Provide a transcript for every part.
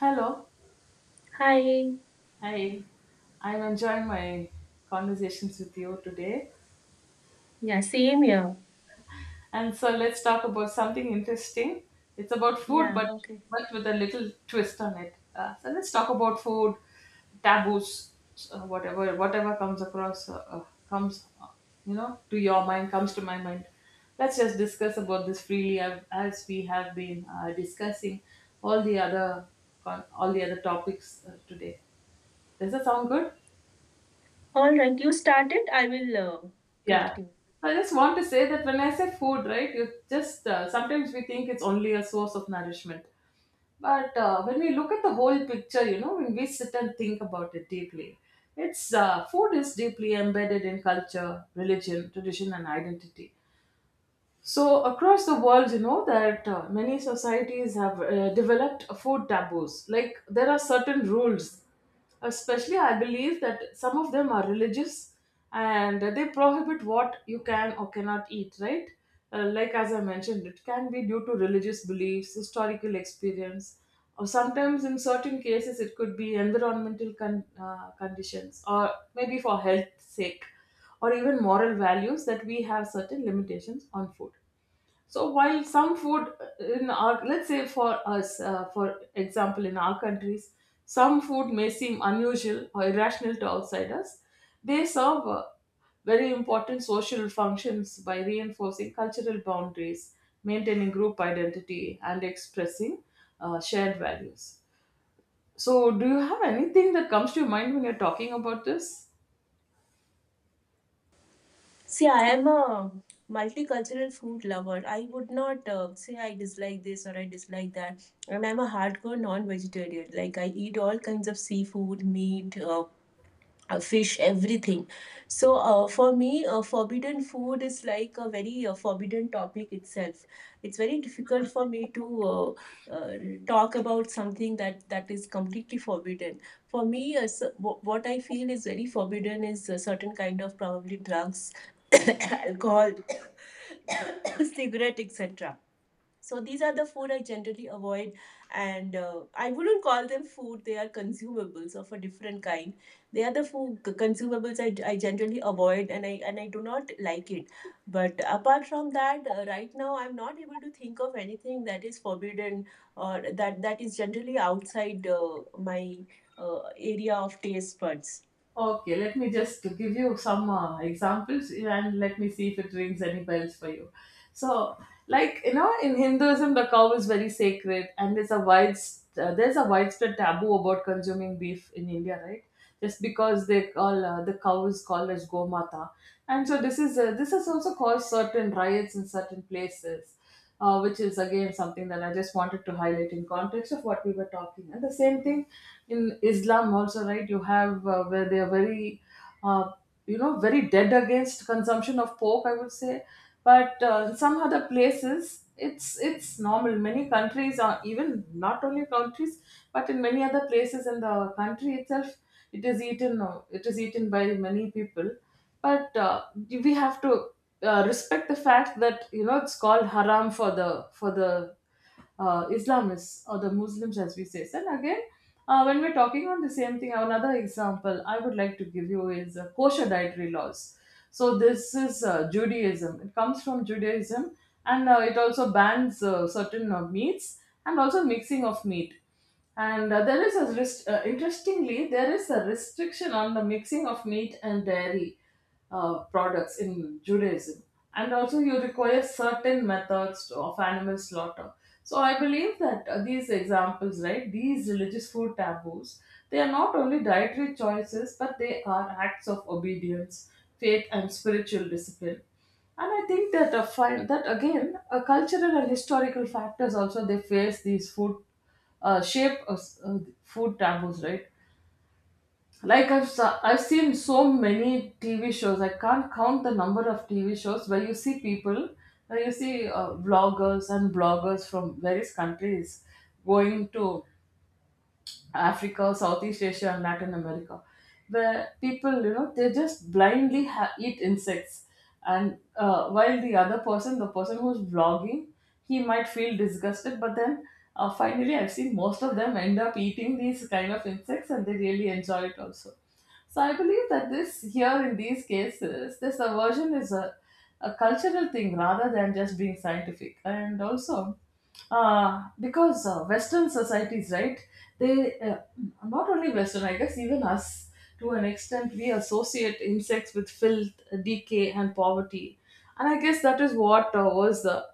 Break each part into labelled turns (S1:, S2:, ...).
S1: Hello.
S2: Hi.
S1: Hi. I'm enjoying my conversations with you today.
S2: Yeah, same here.
S1: And so, let's talk about something interesting. It's about food,
S2: Yeah,
S1: but
S2: okay.
S1: but with a little twist on it. So let's talk about food, taboos, whatever comes across comes, to your mind comes to my mind. Let's just discuss about this freely as we have been discussing all the other all the other topics today. Does that sound good?
S2: All right, you started. I will
S1: Yeah.
S2: continue.
S1: I just want to say that when I say food, right, it's just sometimes we think it's only a source of nourishment. But when we look at the whole picture, when we sit and think about it deeply, it's food is deeply embedded in culture, religion, tradition, and identity. So, across the world, you know that many societies have developed food taboos. Like, there are certain rules, especially I believe that some of them are religious, and they prohibit what you can or cannot eat, right? Like as I mentioned, it can be due to religious beliefs, historical experience, or sometimes in certain cases it could be environmental conditions, or maybe for health sake or even moral values, that we have certain limitations on food. So, while some food, in our, let's say, for us, for example, in our countries, some food may seem unusual or irrational to outsiders. They serve very important social functions by reinforcing cultural boundaries, maintaining group identity, and expressing shared values. So, do you have anything that comes to your mind when you're talking about this?
S2: See, I am a multicultural food lover. I would not say I dislike this or I dislike that. And I'm a hardcore non vegetarian. Like, I eat all kinds of seafood, meat, fish, everything. So for me, forbidden food is like a very forbidden topic itself. It's very difficult for me to uh, talk about something that is completely forbidden. For me, so, what I feel is very forbidden is a certain kind of probably drugs, alcohol, cigarette, etc. So these are the food I generally avoid, and I wouldn't call them food. They are consumables of a different kind. They are the food consumables I generally avoid, and I do not like it. But apart from that, right now I'm not able to think of anything that is forbidden or that is generally outside my area of taste buds.
S1: Okay, let me just give you some examples, and let me see if it rings any bells for you. So, like, you know, in Hinduism, the cow is very sacred, and there's a widespread taboo about consuming beef in India, right? Just because the cow is called as Gomata, and so this has also caused certain riots in certain places. Which is again something that I just wanted to highlight in context of what we were talking. And the same thing in Islam also, right? You have Where they are very, uh, very dead against consumption of pork, I would say. But in some other places, it's normal. Many countries are, even not only countries, but in many other places in the country itself, It is eaten by many people. But we have to respect the fact that, you know, it's called haram for the Islamists, or the Muslims, as we say. And again, when we're talking on the same thing, another example I would like to give you is kosher dietary laws. So, this is Judaism. It comes from Judaism, and it also bans certain meats, and also mixing of meat. And there is a rest- interestingly, there is a restriction on the mixing of meat and dairy products in Judaism. And also, you require certain methods of animal slaughter. So, I believe that these examples, right, these religious food taboos, they are not only dietary choices, but they are acts of obedience, faith, and spiritual discipline. And I think that that again, a cultural and historical factors also, they face these food shape s- food taboos, right? Like, I've seen so many TV shows. I can't count the number of TV shows where you see people, where you see vloggers and bloggers from various countries going to Africa, Southeast Asia, and Latin America, where people, they just blindly eat insects. And while the other person, the person who's vlogging, he might feel disgusted, but then. Finally, I've seen most of them end up eating these kind of insects and they really enjoy it also. So, I believe that this, here in these cases, this aversion is a cultural thing rather than just being scientific. And also, because Western societies, right? They Not only Western, I guess even us to an extent, we associate insects with filth, decay, and poverty. And I guess that is what was the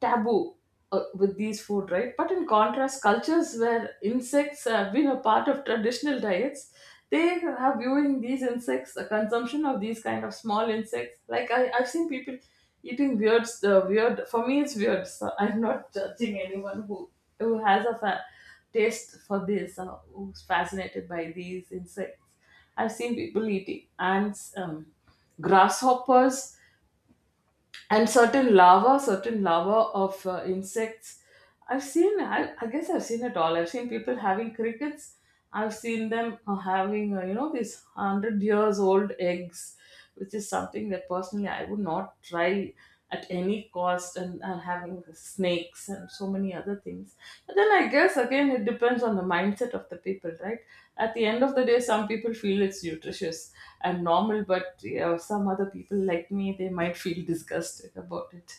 S1: taboo with these food, right? But in contrast, cultures where insects have been a part of traditional diets, they are viewing these insects, the consumption of these kind of small insects. Like, I've seen people eating weird, weird. For me, it's weird. So, I'm not judging anyone who has a taste for this, who's fascinated by these insects. I've seen people eating ants, grasshoppers, and certain larvae, of insects. I guess I've seen it all. I've seen people having crickets. I've seen them having, these 100 years old eggs, which is something that personally I would not try at any cost, and having snakes and so many other things. But then, I guess again, it depends on the mindset of the people, right? At the end of the day, some people feel it's nutritious and normal, but yeah, some other people like me, they might feel disgusted about it.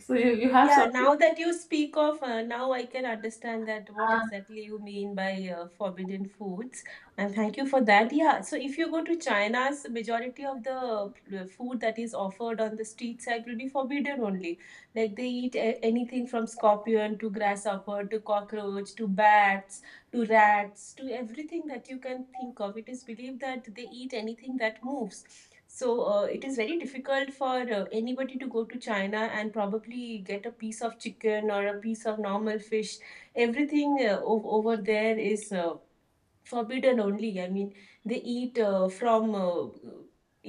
S1: So, you have
S2: Yeah,
S1: something.
S2: now that you speak of, now I can understand that what
S1: Uh,
S2: exactly you mean by forbidden foods. And thank you for that. Yeah, so if you go to China's, majority of the food that is offered on the street side will be forbidden only. Like, they eat anything from scorpion to grasshopper to cockroach to bats to rats to everything that you can think of. It is believed that they eat anything that moves. So it is very difficult for anybody to go to China and probably get a piece of chicken or a piece of normal fish. Everything over there is forbidden only. I mean, they eat from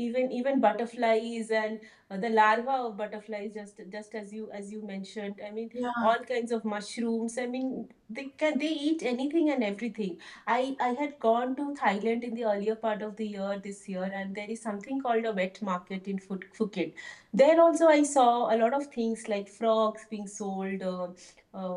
S2: even butterflies and the larva of butterflies. Just as you mentioned. I mean,
S1: yeah.
S2: all kinds of mushrooms. I mean, they eat anything and everything. I had gone to Thailand in the earlier part of the year this year, and there is something called a wet market in Phuket. There also I saw a lot of things like frogs being sold. Uh,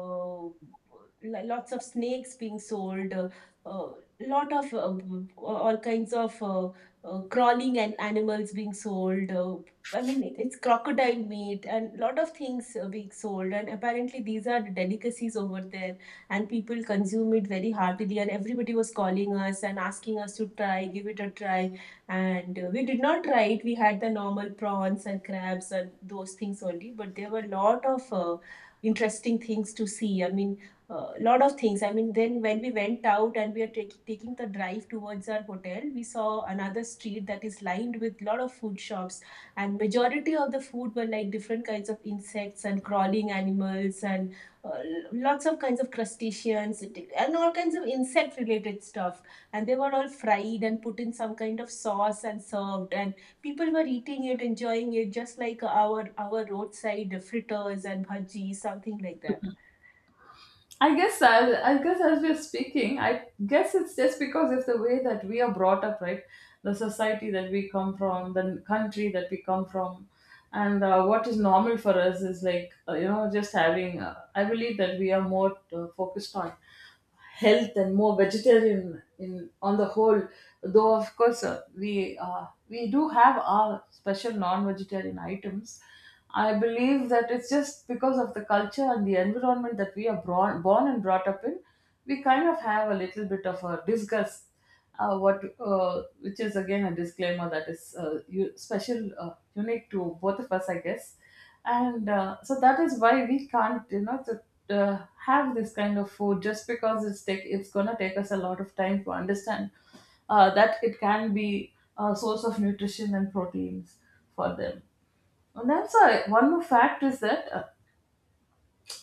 S2: Lots of snakes being sold, uh, lot of all kinds of crawling and animals being sold. I mean, it's crocodile meat and lot of things being sold. And apparently, these are delicacies over there, and people consume it very heartily. And everybody was calling us and asking us to try, give it a try. And we did not try it. We had the normal prawns and crabs and those things only. But there were a lot of interesting things to see. I mean, lot of things. I mean, then when we went out and we are taking the drive towards our hotel, we saw another street that is lined with lot of food shops, and majority of the food were like different kinds of insects and crawling animals and uh, lots of kinds of crustaceans and all kinds of insect related stuff. And they were all fried and put in some kind of sauce and served, and people were eating it, enjoying it, just like our roadside fritters and bhajis, something like that.
S1: I guess as we're speaking, I guess it's just because of the way that we are brought up, right? The society that we come from, the country that we come from, and what is normal for us is like, just having. I believe that we are more focused on health, and more vegetarian in on the whole. Though, of course, we do have our special non-vegetarian items. I believe that it's just because of the culture and the environment that we are born and brought up in, we kind of have a little bit of a disgust, what which is again a disclaimer that is special, unique to both of us, I guess. And so that is why we can't, to, have this kind of food, just because it's gonna take us a lot of time to understand that it can be a source of nutrition and proteins for them. And that's one more fact is that,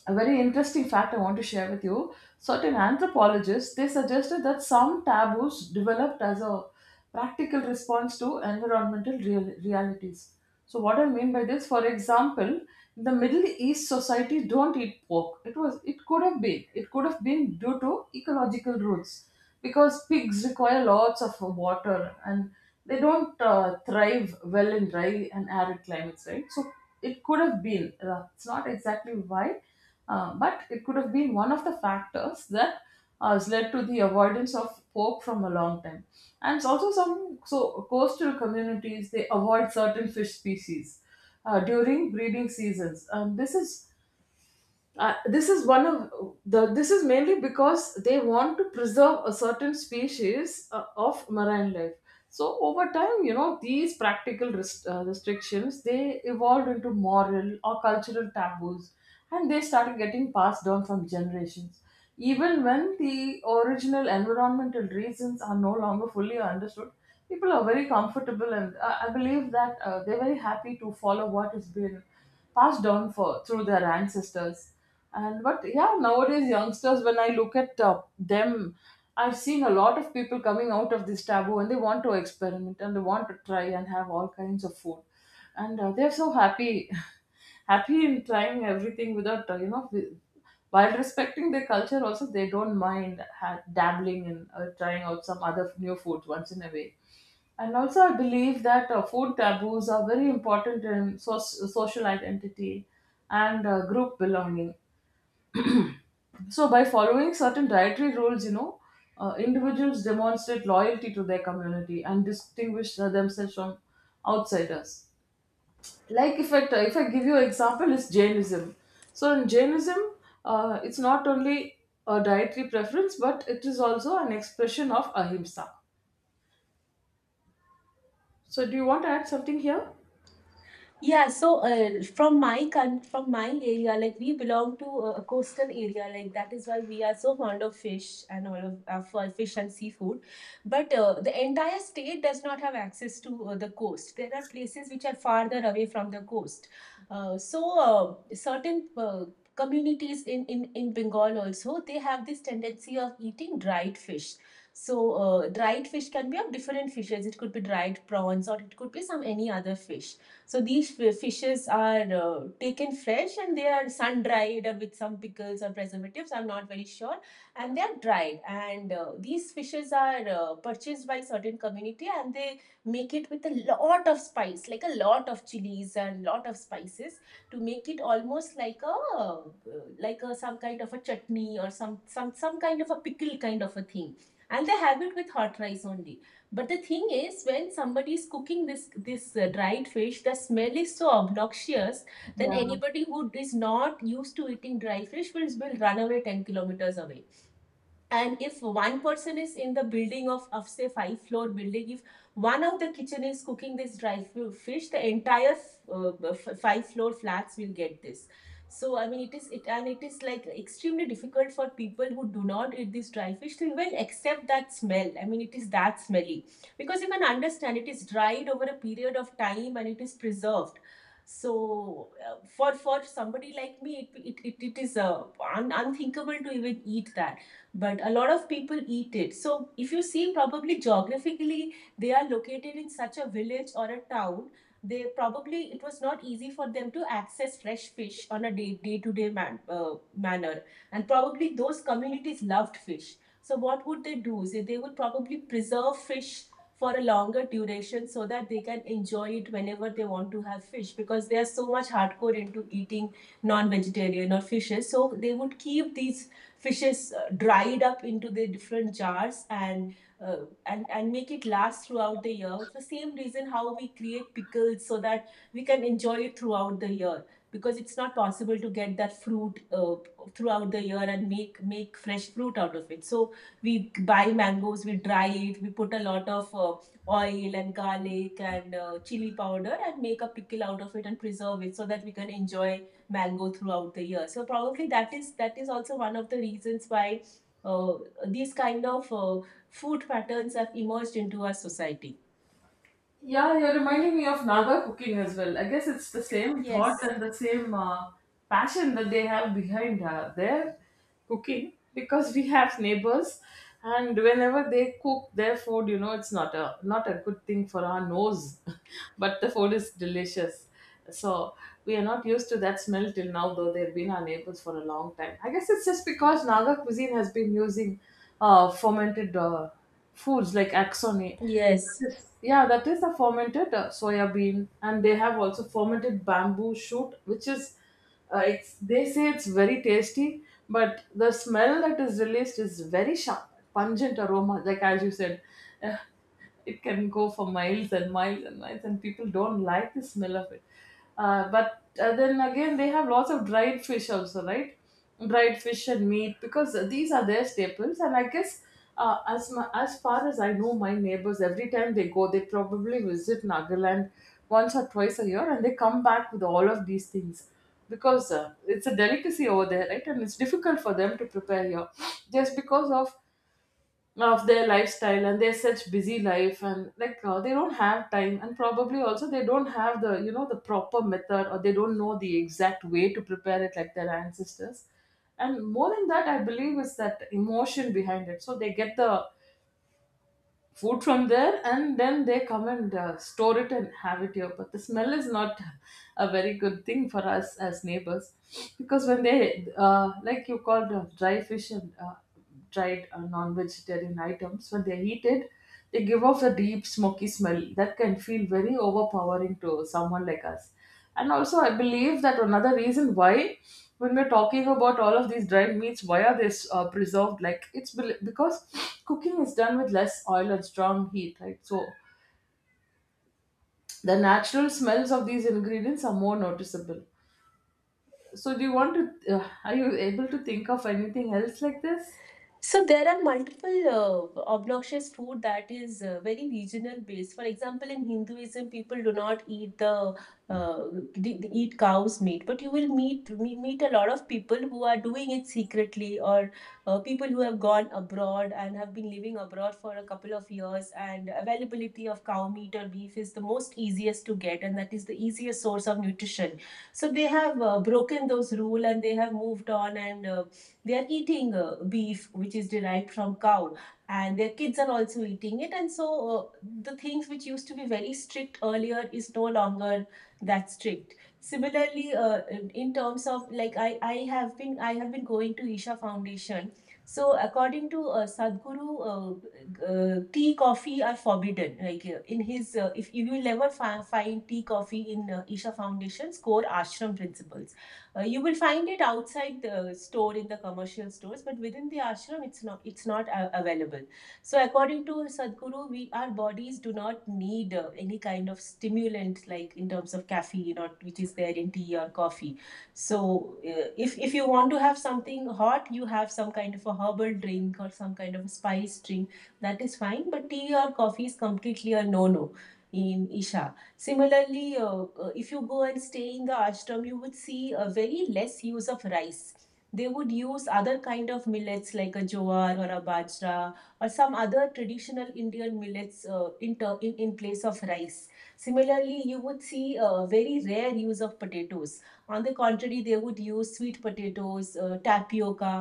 S1: a very interesting fact I want to share with you. Certain anthropologists, they suggested that some taboos developed as a practical response to environmental realities. So, what I mean by this, for example, in the Middle East, society don't eat pork. It could have been, due to ecological rules, because pigs require lots of water, and they don't thrive well in dry and arid climates, right? So it could have been. It's not exactly why, but it could have been one of the factors that has led to the avoidance of pork from a long time. And it's also, some so coastal communities, they avoid certain fish species during breeding seasons. Uh, this is one of this is mainly because they want to preserve a certain species of marine life. So, over time, these practical restrictions, they evolved into moral or cultural taboos, and they started getting passed down from generations, even when the original environmental reasons are no longer fully understood. People are very comfortable, and I believe that they're very happy to follow what has been passed down for through their ancestors. And but yeah, nowadays youngsters, when I look at them, I've seen a lot of people coming out of this taboo, and they want to experiment, and they want to try and have all kinds of food, and they're so happy, happy in trying everything without While respecting their culture, also they don't mind dabbling and trying out some other new foods once in a way. And also, I believe that food taboos are very important in social identity and group belonging. So, by following certain dietary rules, individuals demonstrate loyalty to their community and distinguish themselves from outsiders. Like, if I give you an example, is Jainism. So, in Jainism, it's not only a dietary preference, but it is also an expression of ahimsa. So, do you want to add something here?
S2: Yeah, so from my from my area, like, we belong to a coastal area, like that is why we are so fond of fish and all of for fish and seafood. But the entire state does not have access to the coast. There are places which are farther away from the coast. So certain communities in Bengal also, they have this tendency of eating dried fish. So dried fish can be of different fishes. It could be dried prawns or it could be some any other fish. So these fishes are taken fresh and they are sun dried with some pickles or preservatives. I'm not very sure, and they are dried. And these fishes are purchased by certain community and they make it with a lot of spice, like a lot of chilies and lot of spices, to make it almost like a some kind of a chutney or some kind of a pickle kind of a thing. And they have it with hot rice only. But the thing is, when somebody is cooking this dried fish, the smell is so obnoxious. Then
S1: Yeah.
S2: anybody who is not used to eating dry fish will run away 10 kilometers away. And if one person is in the building of say five floor building, if one of the kitchen is cooking this dry fish, the entire uh, five floor flats will get this. So I mean, it is like extremely difficult for people who do not eat this dry fish to even accept that smell. I mean, it is that smelly because you can understand it is dried over a period of time and it is preserved. So for somebody like me, it is unthinkable to even eat that. But a lot of people eat it. So if you see, probably geographically, they are located in such a village or a town. They probably, it was not easy for them to access fresh fish on a day to day manner, and probably those communities loved fish. So what would they do? Is, they would probably preserve fish for a longer duration so that they can enjoy it whenever they want to have fish, because they are so much hardcore into eating non-vegetarian or fishes. So they would keep these fishes dried up into the different jars and and make it last throughout the year. It's the same reason how we create pickles so that we can enjoy it throughout the year, because it's not possible to get that fruit throughout the year and make fresh fruit out of it. So we buy mangoes, we dry it, we put a lot of oil and garlic and chili powder and make a pickle out of it and preserve it so that we can enjoy mango throughout the year. So probably that is also one of the reasons why uh, these kind of food patterns have emerged into our society.
S1: Yeah, you're reminding me of Naga cooking as well. I guess it's the same thought
S2: Yes.
S1: and the same passion that they have behind their cooking because we have neighbors, and whenever they cook their food, it's not a good thing for our nose, but the food is delicious. So we are not used to that smell till now, though they've been our neighbors for a long time. I guess it's just because Naga cuisine has been using fermented foods like axone.
S2: Yes.
S1: Yes. Yeah, that is a fermented soya bean, and they have also fermented bamboo shoot, which is, it's, they say it's very tasty, but the smell that is released is very sharp, pungent aroma. Like as you said, uh, it can go for miles and miles and miles, and people don't like the smell of it. But then again, they have lots of dried fish also, right? Dried fish and meat, because these are their staples. And I guess, as far as I know, my neighbors, every time they go, they probably visit Nagaland once or twice a year, and they come back with all of these things because it's a delicacy over there, right? And it's difficult for them to prepare here just because of their lifestyle, and they're such busy life, and like they don't have time. And probably also they don't have the the proper method, or they don't know the exact way to prepare it like their ancestors. And more than that, I believe is that emotion behind it. So they get the food from there, and then they come and store it and have it here. But the smell is not a very good thing for us as neighbors, because when they like you called dry fish and dried non-vegetarian items, when they eat it, they give off a deep smoky smell that can feel very overpowering to someone like us. And also, I believe that another reason why, when we're talking about all of these dried meats, why are they preserved? Like it's because cooking is done with less oil and strong heat, right? So the natural smells of these ingredients are more noticeable. So, do you want to? Are you able to think of anything else like this?
S2: So there are multiple obnoxious food that is very regional based. For example, in Hinduism, people do not eat the uh, they eat cow's meat, but you will meet meet a lot of people who are doing it secretly, or people who have gone abroad and have been living abroad for a couple of years, and availability of cow meat or beef is the most easiest to get, and that is the easiest source of nutrition. So they have broken those rule and they have moved on, and they are eating beef which is derived from cow, and their kids are also eating it. And so uh, the things which used to be very strict earlier is no longer that strict. Similarly, in terms of, like, I have been going to Isha Foundation. So according to Sadhguru, tea coffee are forbidden. Like, in his if, you will never find tea coffee in Isha Foundation's core ashram principles. You will find it outside the store in the commercial stores, but within the ashram, it's not available. So according to Sadhguru, we, our bodies do not need any kind of stimulant, like in terms of caffeine, or which is there in tea or coffee. So if you want to have something hot, you have some kind of a herbal drink or some kind of a spice drink. That is fine, but tea or coffee is completely a no no in Isha. Similarly, if you go and stay in the ashram, you would see a very less use of rice. They would use other kind of millets, like a jowar or a bajra or some other traditional Indian millets, in, ter- in place of rice. Similarly, you would see a very rare use of potatoes. On the contrary, they would use sweet potatoes, tapioca,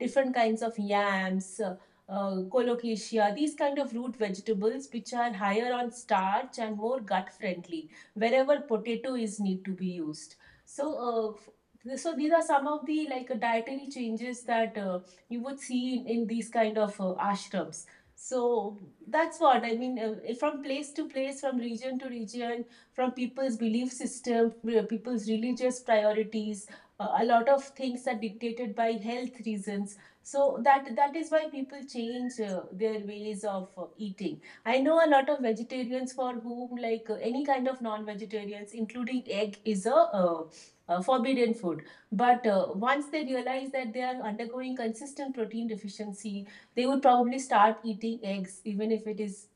S2: different kinds of yams, colocasia, these kind of root vegetables which are higher on starch and more gut friendly wherever potato is need to be used. So, these are some of the, like, dietary changes that you would see in these kind of ashrams. So that's what I mean. From place to place, from region to region, from people's belief system, people's religious priorities, a lot of things are dictated by health reasons so that is why people change their ways of eating. I know a lot of vegetarians for whom any kind of non-vegetarians, including egg, is a forbidden food. But once they realize that they are undergoing consistent protein deficiency, they would probably start eating eggs,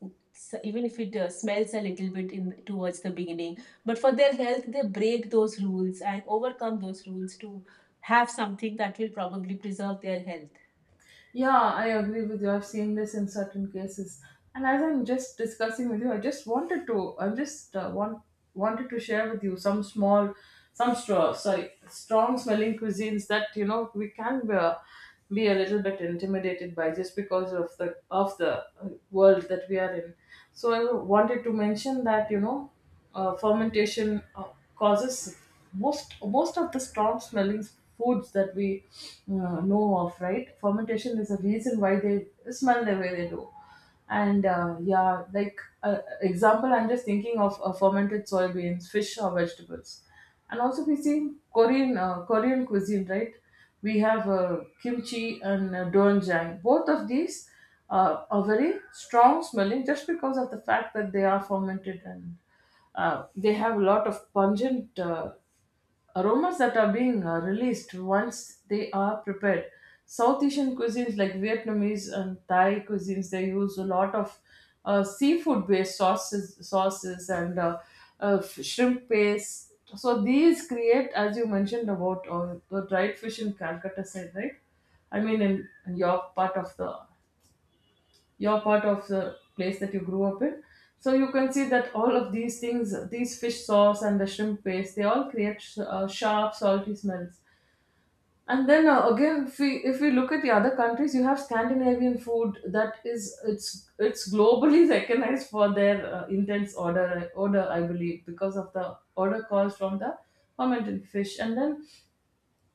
S2: even if it smells a little bit in towards the beginning. But for their health, they break those rules and overcome those rules to have something that will probably preserve their health.
S1: Yeah, I agree with you. I've seen this in certain cases. And as I'm just discussing with you, I just wanted to, wanted to share with you some small, strong smelling cuisines that, you know, we can be a little bit intimidated by, just because of the world that we are in. So I wanted to mention that, you know, fermentation causes most of the strong smelling foods that we know of, right? Fermentation is a reason why they smell the way they do. And yeah, like example, I'm just thinking of fermented soybeans, fish, or vegetables. And also we see Korean cuisine, right? We have kimchi and doenjang. Both of these are very strong smelling, just because of the fact that they are fermented, and they have a lot of pungent aromas that are being released once they are prepared. South Asian cuisines like Vietnamese and Thai cuisines, they use a lot of seafood-based sauces, and shrimp paste. So these create, as you mentioned about the dried fish in Calcutta side, right? I mean, in your part of the place that you grew up in. So you can see that all of these things, these fish sauce and the shrimp paste, they all create sharp, salty smells. And then again, if we look at the other countries, you have Scandinavian food that is it's globally recognized for their intense odor, I believe, because of the odor caused from the fermented fish. And then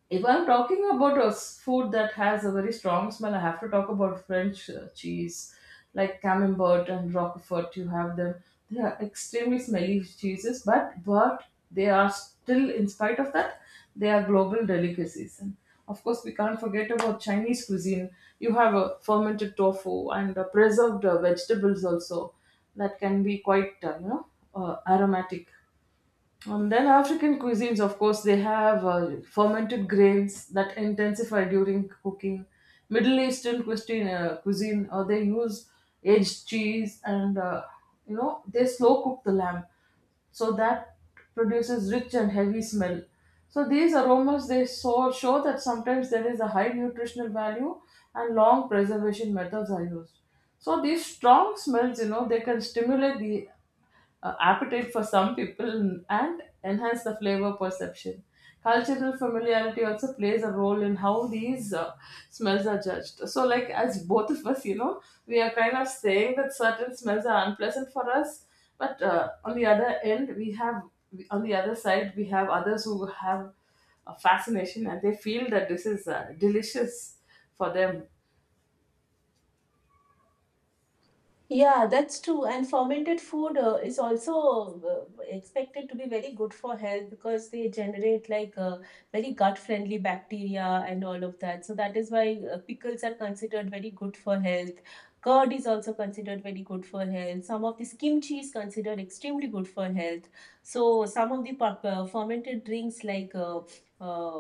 S1: if I'm talking about a food that has a very strong smell, I have to talk about French cheese, like Camembert and Roquefort. You have them; they are extremely smelly cheeses, but they are still, in spite of that, they are global delicacies. And of course, we can't forget about Chinese cuisine. You have a fermented tofu and preserved vegetables also, that can be quite aromatic. Then African cuisines, of course, they have fermented grains that intensify during cooking. Middle Eastern cuisine, they use aged cheese, and they slow cook the lamb so that produces rich and heavy smell. So these aromas, they show that sometimes there is a high nutritional value and long preservation methods are used. So these strong smells, you know, they can stimulate the appetite for some people and enhance the flavor perception. Cultural familiarity also plays a role in how these smells are judged. So, like, as both of us, you know, we are kind of saying that certain smells are unpleasant for us, but on the other end, we have, on the other side, we have others who have a fascination, and they feel that this is delicious for them.
S2: Yeah, that's true. And fermented food is also expected to be very good for health because they generate very gut-friendly bacteria and all of that. So that is why pickles are considered very good for health. Curd is also considered very good for health. Some of this kimchi is considered extremely good for health. So some of the fermented drinks like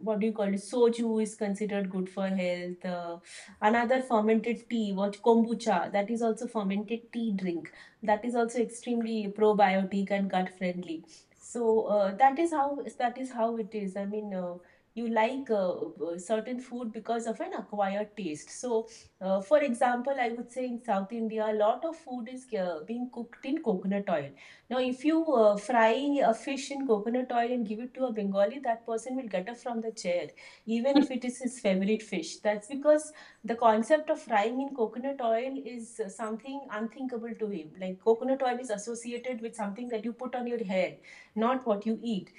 S2: what do you call it? Soju is considered good for health. Another fermented tea, what, kombucha, that is also fermented tea drink. That is also extremely probiotic and gut friendly. So that is how it is. I mean, you certain food because of an acquired taste. So, for example, I would say in South India, a lot of food is being cooked in coconut oil. Now, if you fry a fish in coconut oil and give it to a Bengali, that person will get up from the chair, even if it is his favorite fish. That's because the concept of frying in coconut oil is something unthinkable to him. Like coconut oil is associated with something that you put on your hair, not what you eat.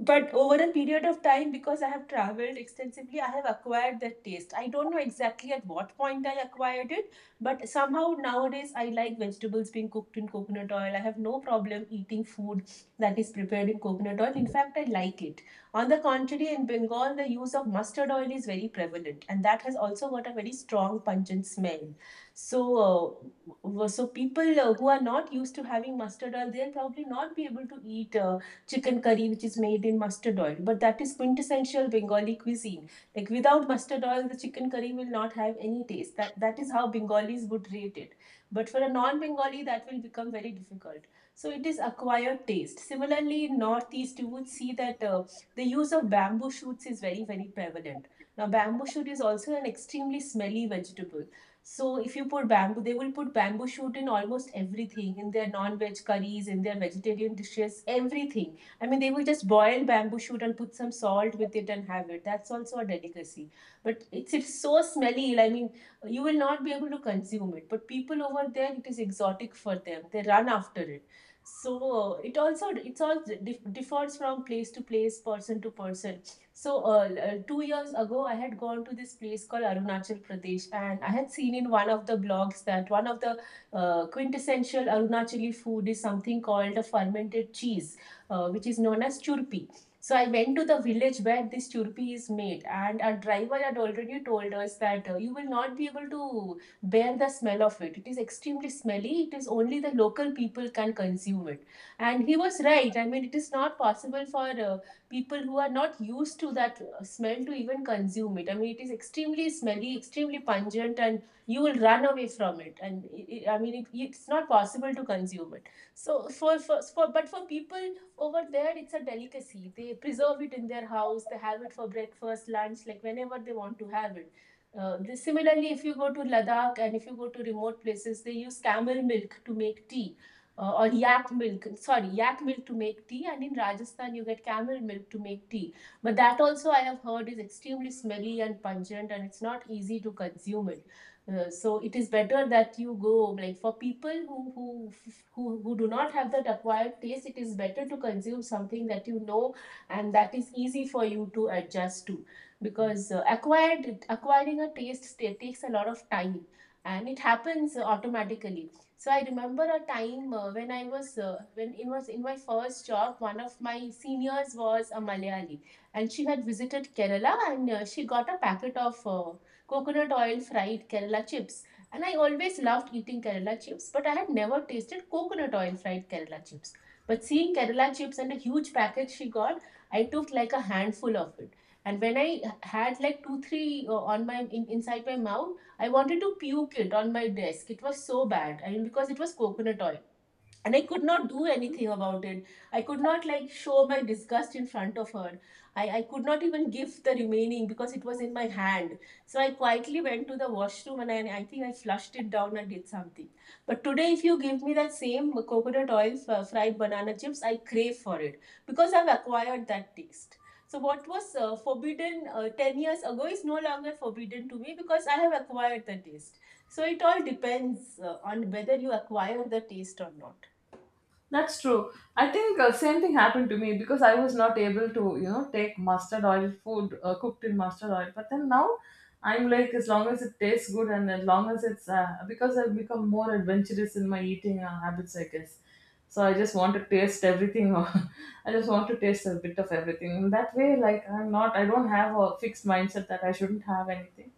S2: But over a period of time, because I have traveled extensively, I have acquired that taste. I don't know exactly at what point I acquired it, but somehow nowadays I like vegetables being cooked in coconut oil. I have no problem eating food that is prepared in coconut oil. In fact, I like it. On the contrary, in Bengal, the use of mustard oil is very prevalent, and that has also got a very strong pungent smell. So, so people who are not used to having mustard oil, they'll probably not be able to eat. Chicken curry which is made in mustard oil, but that is quintessential Bengali cuisine. Like, without mustard oil the chicken curry will not have any taste. That is how Bengalis would rate it, but for a non bengali that will become very difficult. So it is acquired taste. Similarly, in northeast you would see that the use of bamboo shoots is very prevalent. Now bamboo shoot is also an extremely smelly vegetable. So if you put bamboo, they will put bamboo shoot in almost everything, in their non-veg curries, in their vegetarian dishes, everything. I mean, they will just boil bamboo shoot and put some salt with it and have it. That's also a delicacy. But it's so smelly. I mean, you will not be able to consume it. But people over there, it is exotic for them. They run after it. So it also differs from place to place, person to person. So 2 years ago, I had gone to this place called Arunachal Pradesh, and I had seen in one of the blogs that one of the quintessential Arunachali food is something called a fermented cheese which is known as churpi. So I went to the village where this churpi is made, and our driver had already told us that you will not be able to bear the smell of it. It is extremely smelly. It is only the local people can consume it, and he was right. I mean, it is not possible for people who are not used to that smell to even consume it. I mean, it is extremely smelly, extremely pungent, and you will run away from it. And I mean, it's not possible to consume it. So for people over there it's a delicacy. They preserve it in their house, they have it for breakfast, lunch, like whenever they want to have it. Similarly, if you go to Ladakh and if you go to remote places, they use camel milk to make tea, or yak milk to make tea, and in Rajasthan you get camel milk to make tea. But that also I have heard is extremely smelly and pungent, and it's not easy to consume it. So it is better that you go, like, for people who do not have that acquired taste, it is better to consume something that you know and that is easy for you to adjust to, because acquired acquiring a taste takes a lot of time, and it happens automatically. So I remember a time when it was in my first job, one of my seniors was a Malayali, and she had visited Kerala, and she got a packet of coconut oil fried Kerala chips. And I always loved eating Kerala chips, but I had never tasted coconut oil fried Kerala chips. But seeing Kerala chips and a huge package she got, I took like a handful of it. And when I had like two, three on inside my mouth, I wanted to puke it on my desk. It was so bad. I mean, because it was coconut oil, and I could not do anything about it. I could not like show my disgust in front of her. I could not even give the remaining because it was in my hand. So I quietly went to the washroom, and I think I flushed it down and did something. But today if you give me that same coconut oil fried banana chips, I crave for it because I've acquired that taste. So what was forbidden 10 years ago is no longer forbidden to me because I have acquired the taste. So it all depends on whether you acquire the taste or not.
S1: That's true. I think same thing happened to me, because I was not able to, you know, take mustard oil food cooked in mustard oil. But then now I'm like, as long as it tastes good, and as long as it's because I've become more adventurous in my eating habits, I guess. So I just want to taste everything. I just want to taste a bit of everything. In that way, like I'm not, I don't have a fixed mindset that I shouldn't have anything.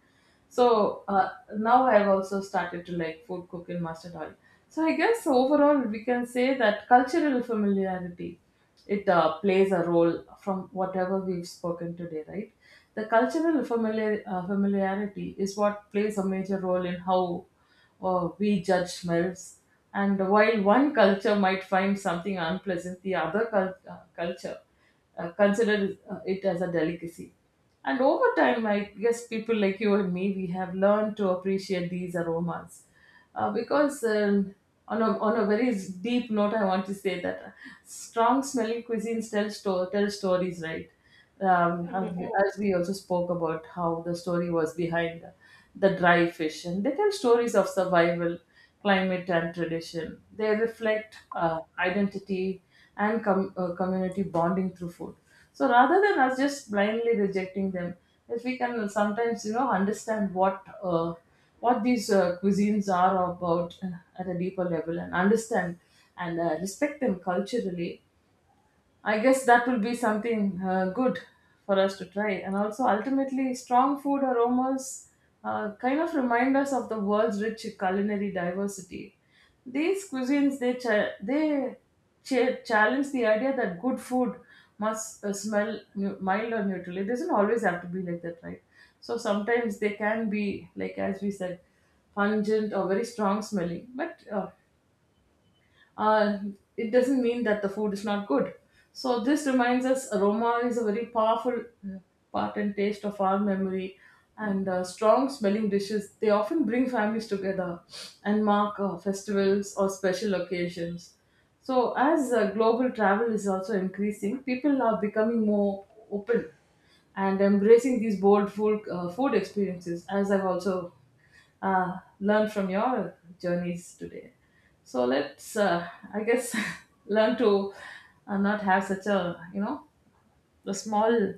S1: So now I've also started to like food cook in mustard oil. So I guess overall we can say that cultural familiarity, it plays a role from whatever we've spoken today, right? The cultural familiarity is what plays a major role in how we judge smells. And while one culture might find something unpleasant, the other culture considers it as a delicacy. And over time, I guess people like you and me, we have learned to appreciate these aromas because on a very deep note, I want to say that strong smelling cuisines tell stories, right? Have
S2: Mhm.
S1: you- as we also spoke about how the story was behind the dry fish, and they tell stories of survival, climate, and tradition. They reflect identity and community bonding through food. So rather than us just blindly rejecting them, if we can sometimes, you know, understand what these cuisines are about at a deeper level and understand and respect them culturally, I guess that will be something good for us to try. And also, ultimately, strong food aromas kind of remind us of the world's rich culinary diversity. These cuisines, they challenge the idea that good food must mild or neutral. It doesn't always have to be like that, right? So sometimes they can be, like as we said, pungent or very strong smelling. But uh, it doesn't mean that the food is not good. So this reminds us, aroma is a very powerful uh, part and taste of our memory. And strong smelling dishes, they often bring families together and mark festivals or special occasions. So, as global travel is also increasing, people are becoming more open and embracing these bold food experiences, as I've also learn from your journeys today. So let's, I guess, learn to not have such a, you know, a small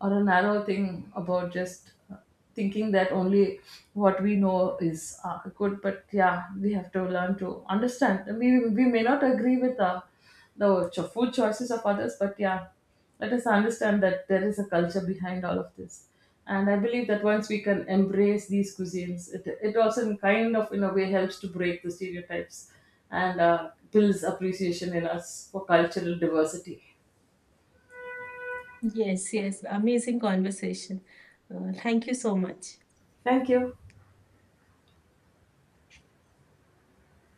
S1: or a narrow thing about just thinking that only what we know is good. But yeah, we have to learn to understand, we may not agree with the food choices of others, but yeah, let us understand that there is a culture behind all of this. And I believe that once we can embrace these cuisines, it also, in kind of in a way, helps to break the stereotypes and builds appreciation in us for cultural diversity.
S2: Yes, yes. Amazing conversation. Thank you so much.
S1: Thank you.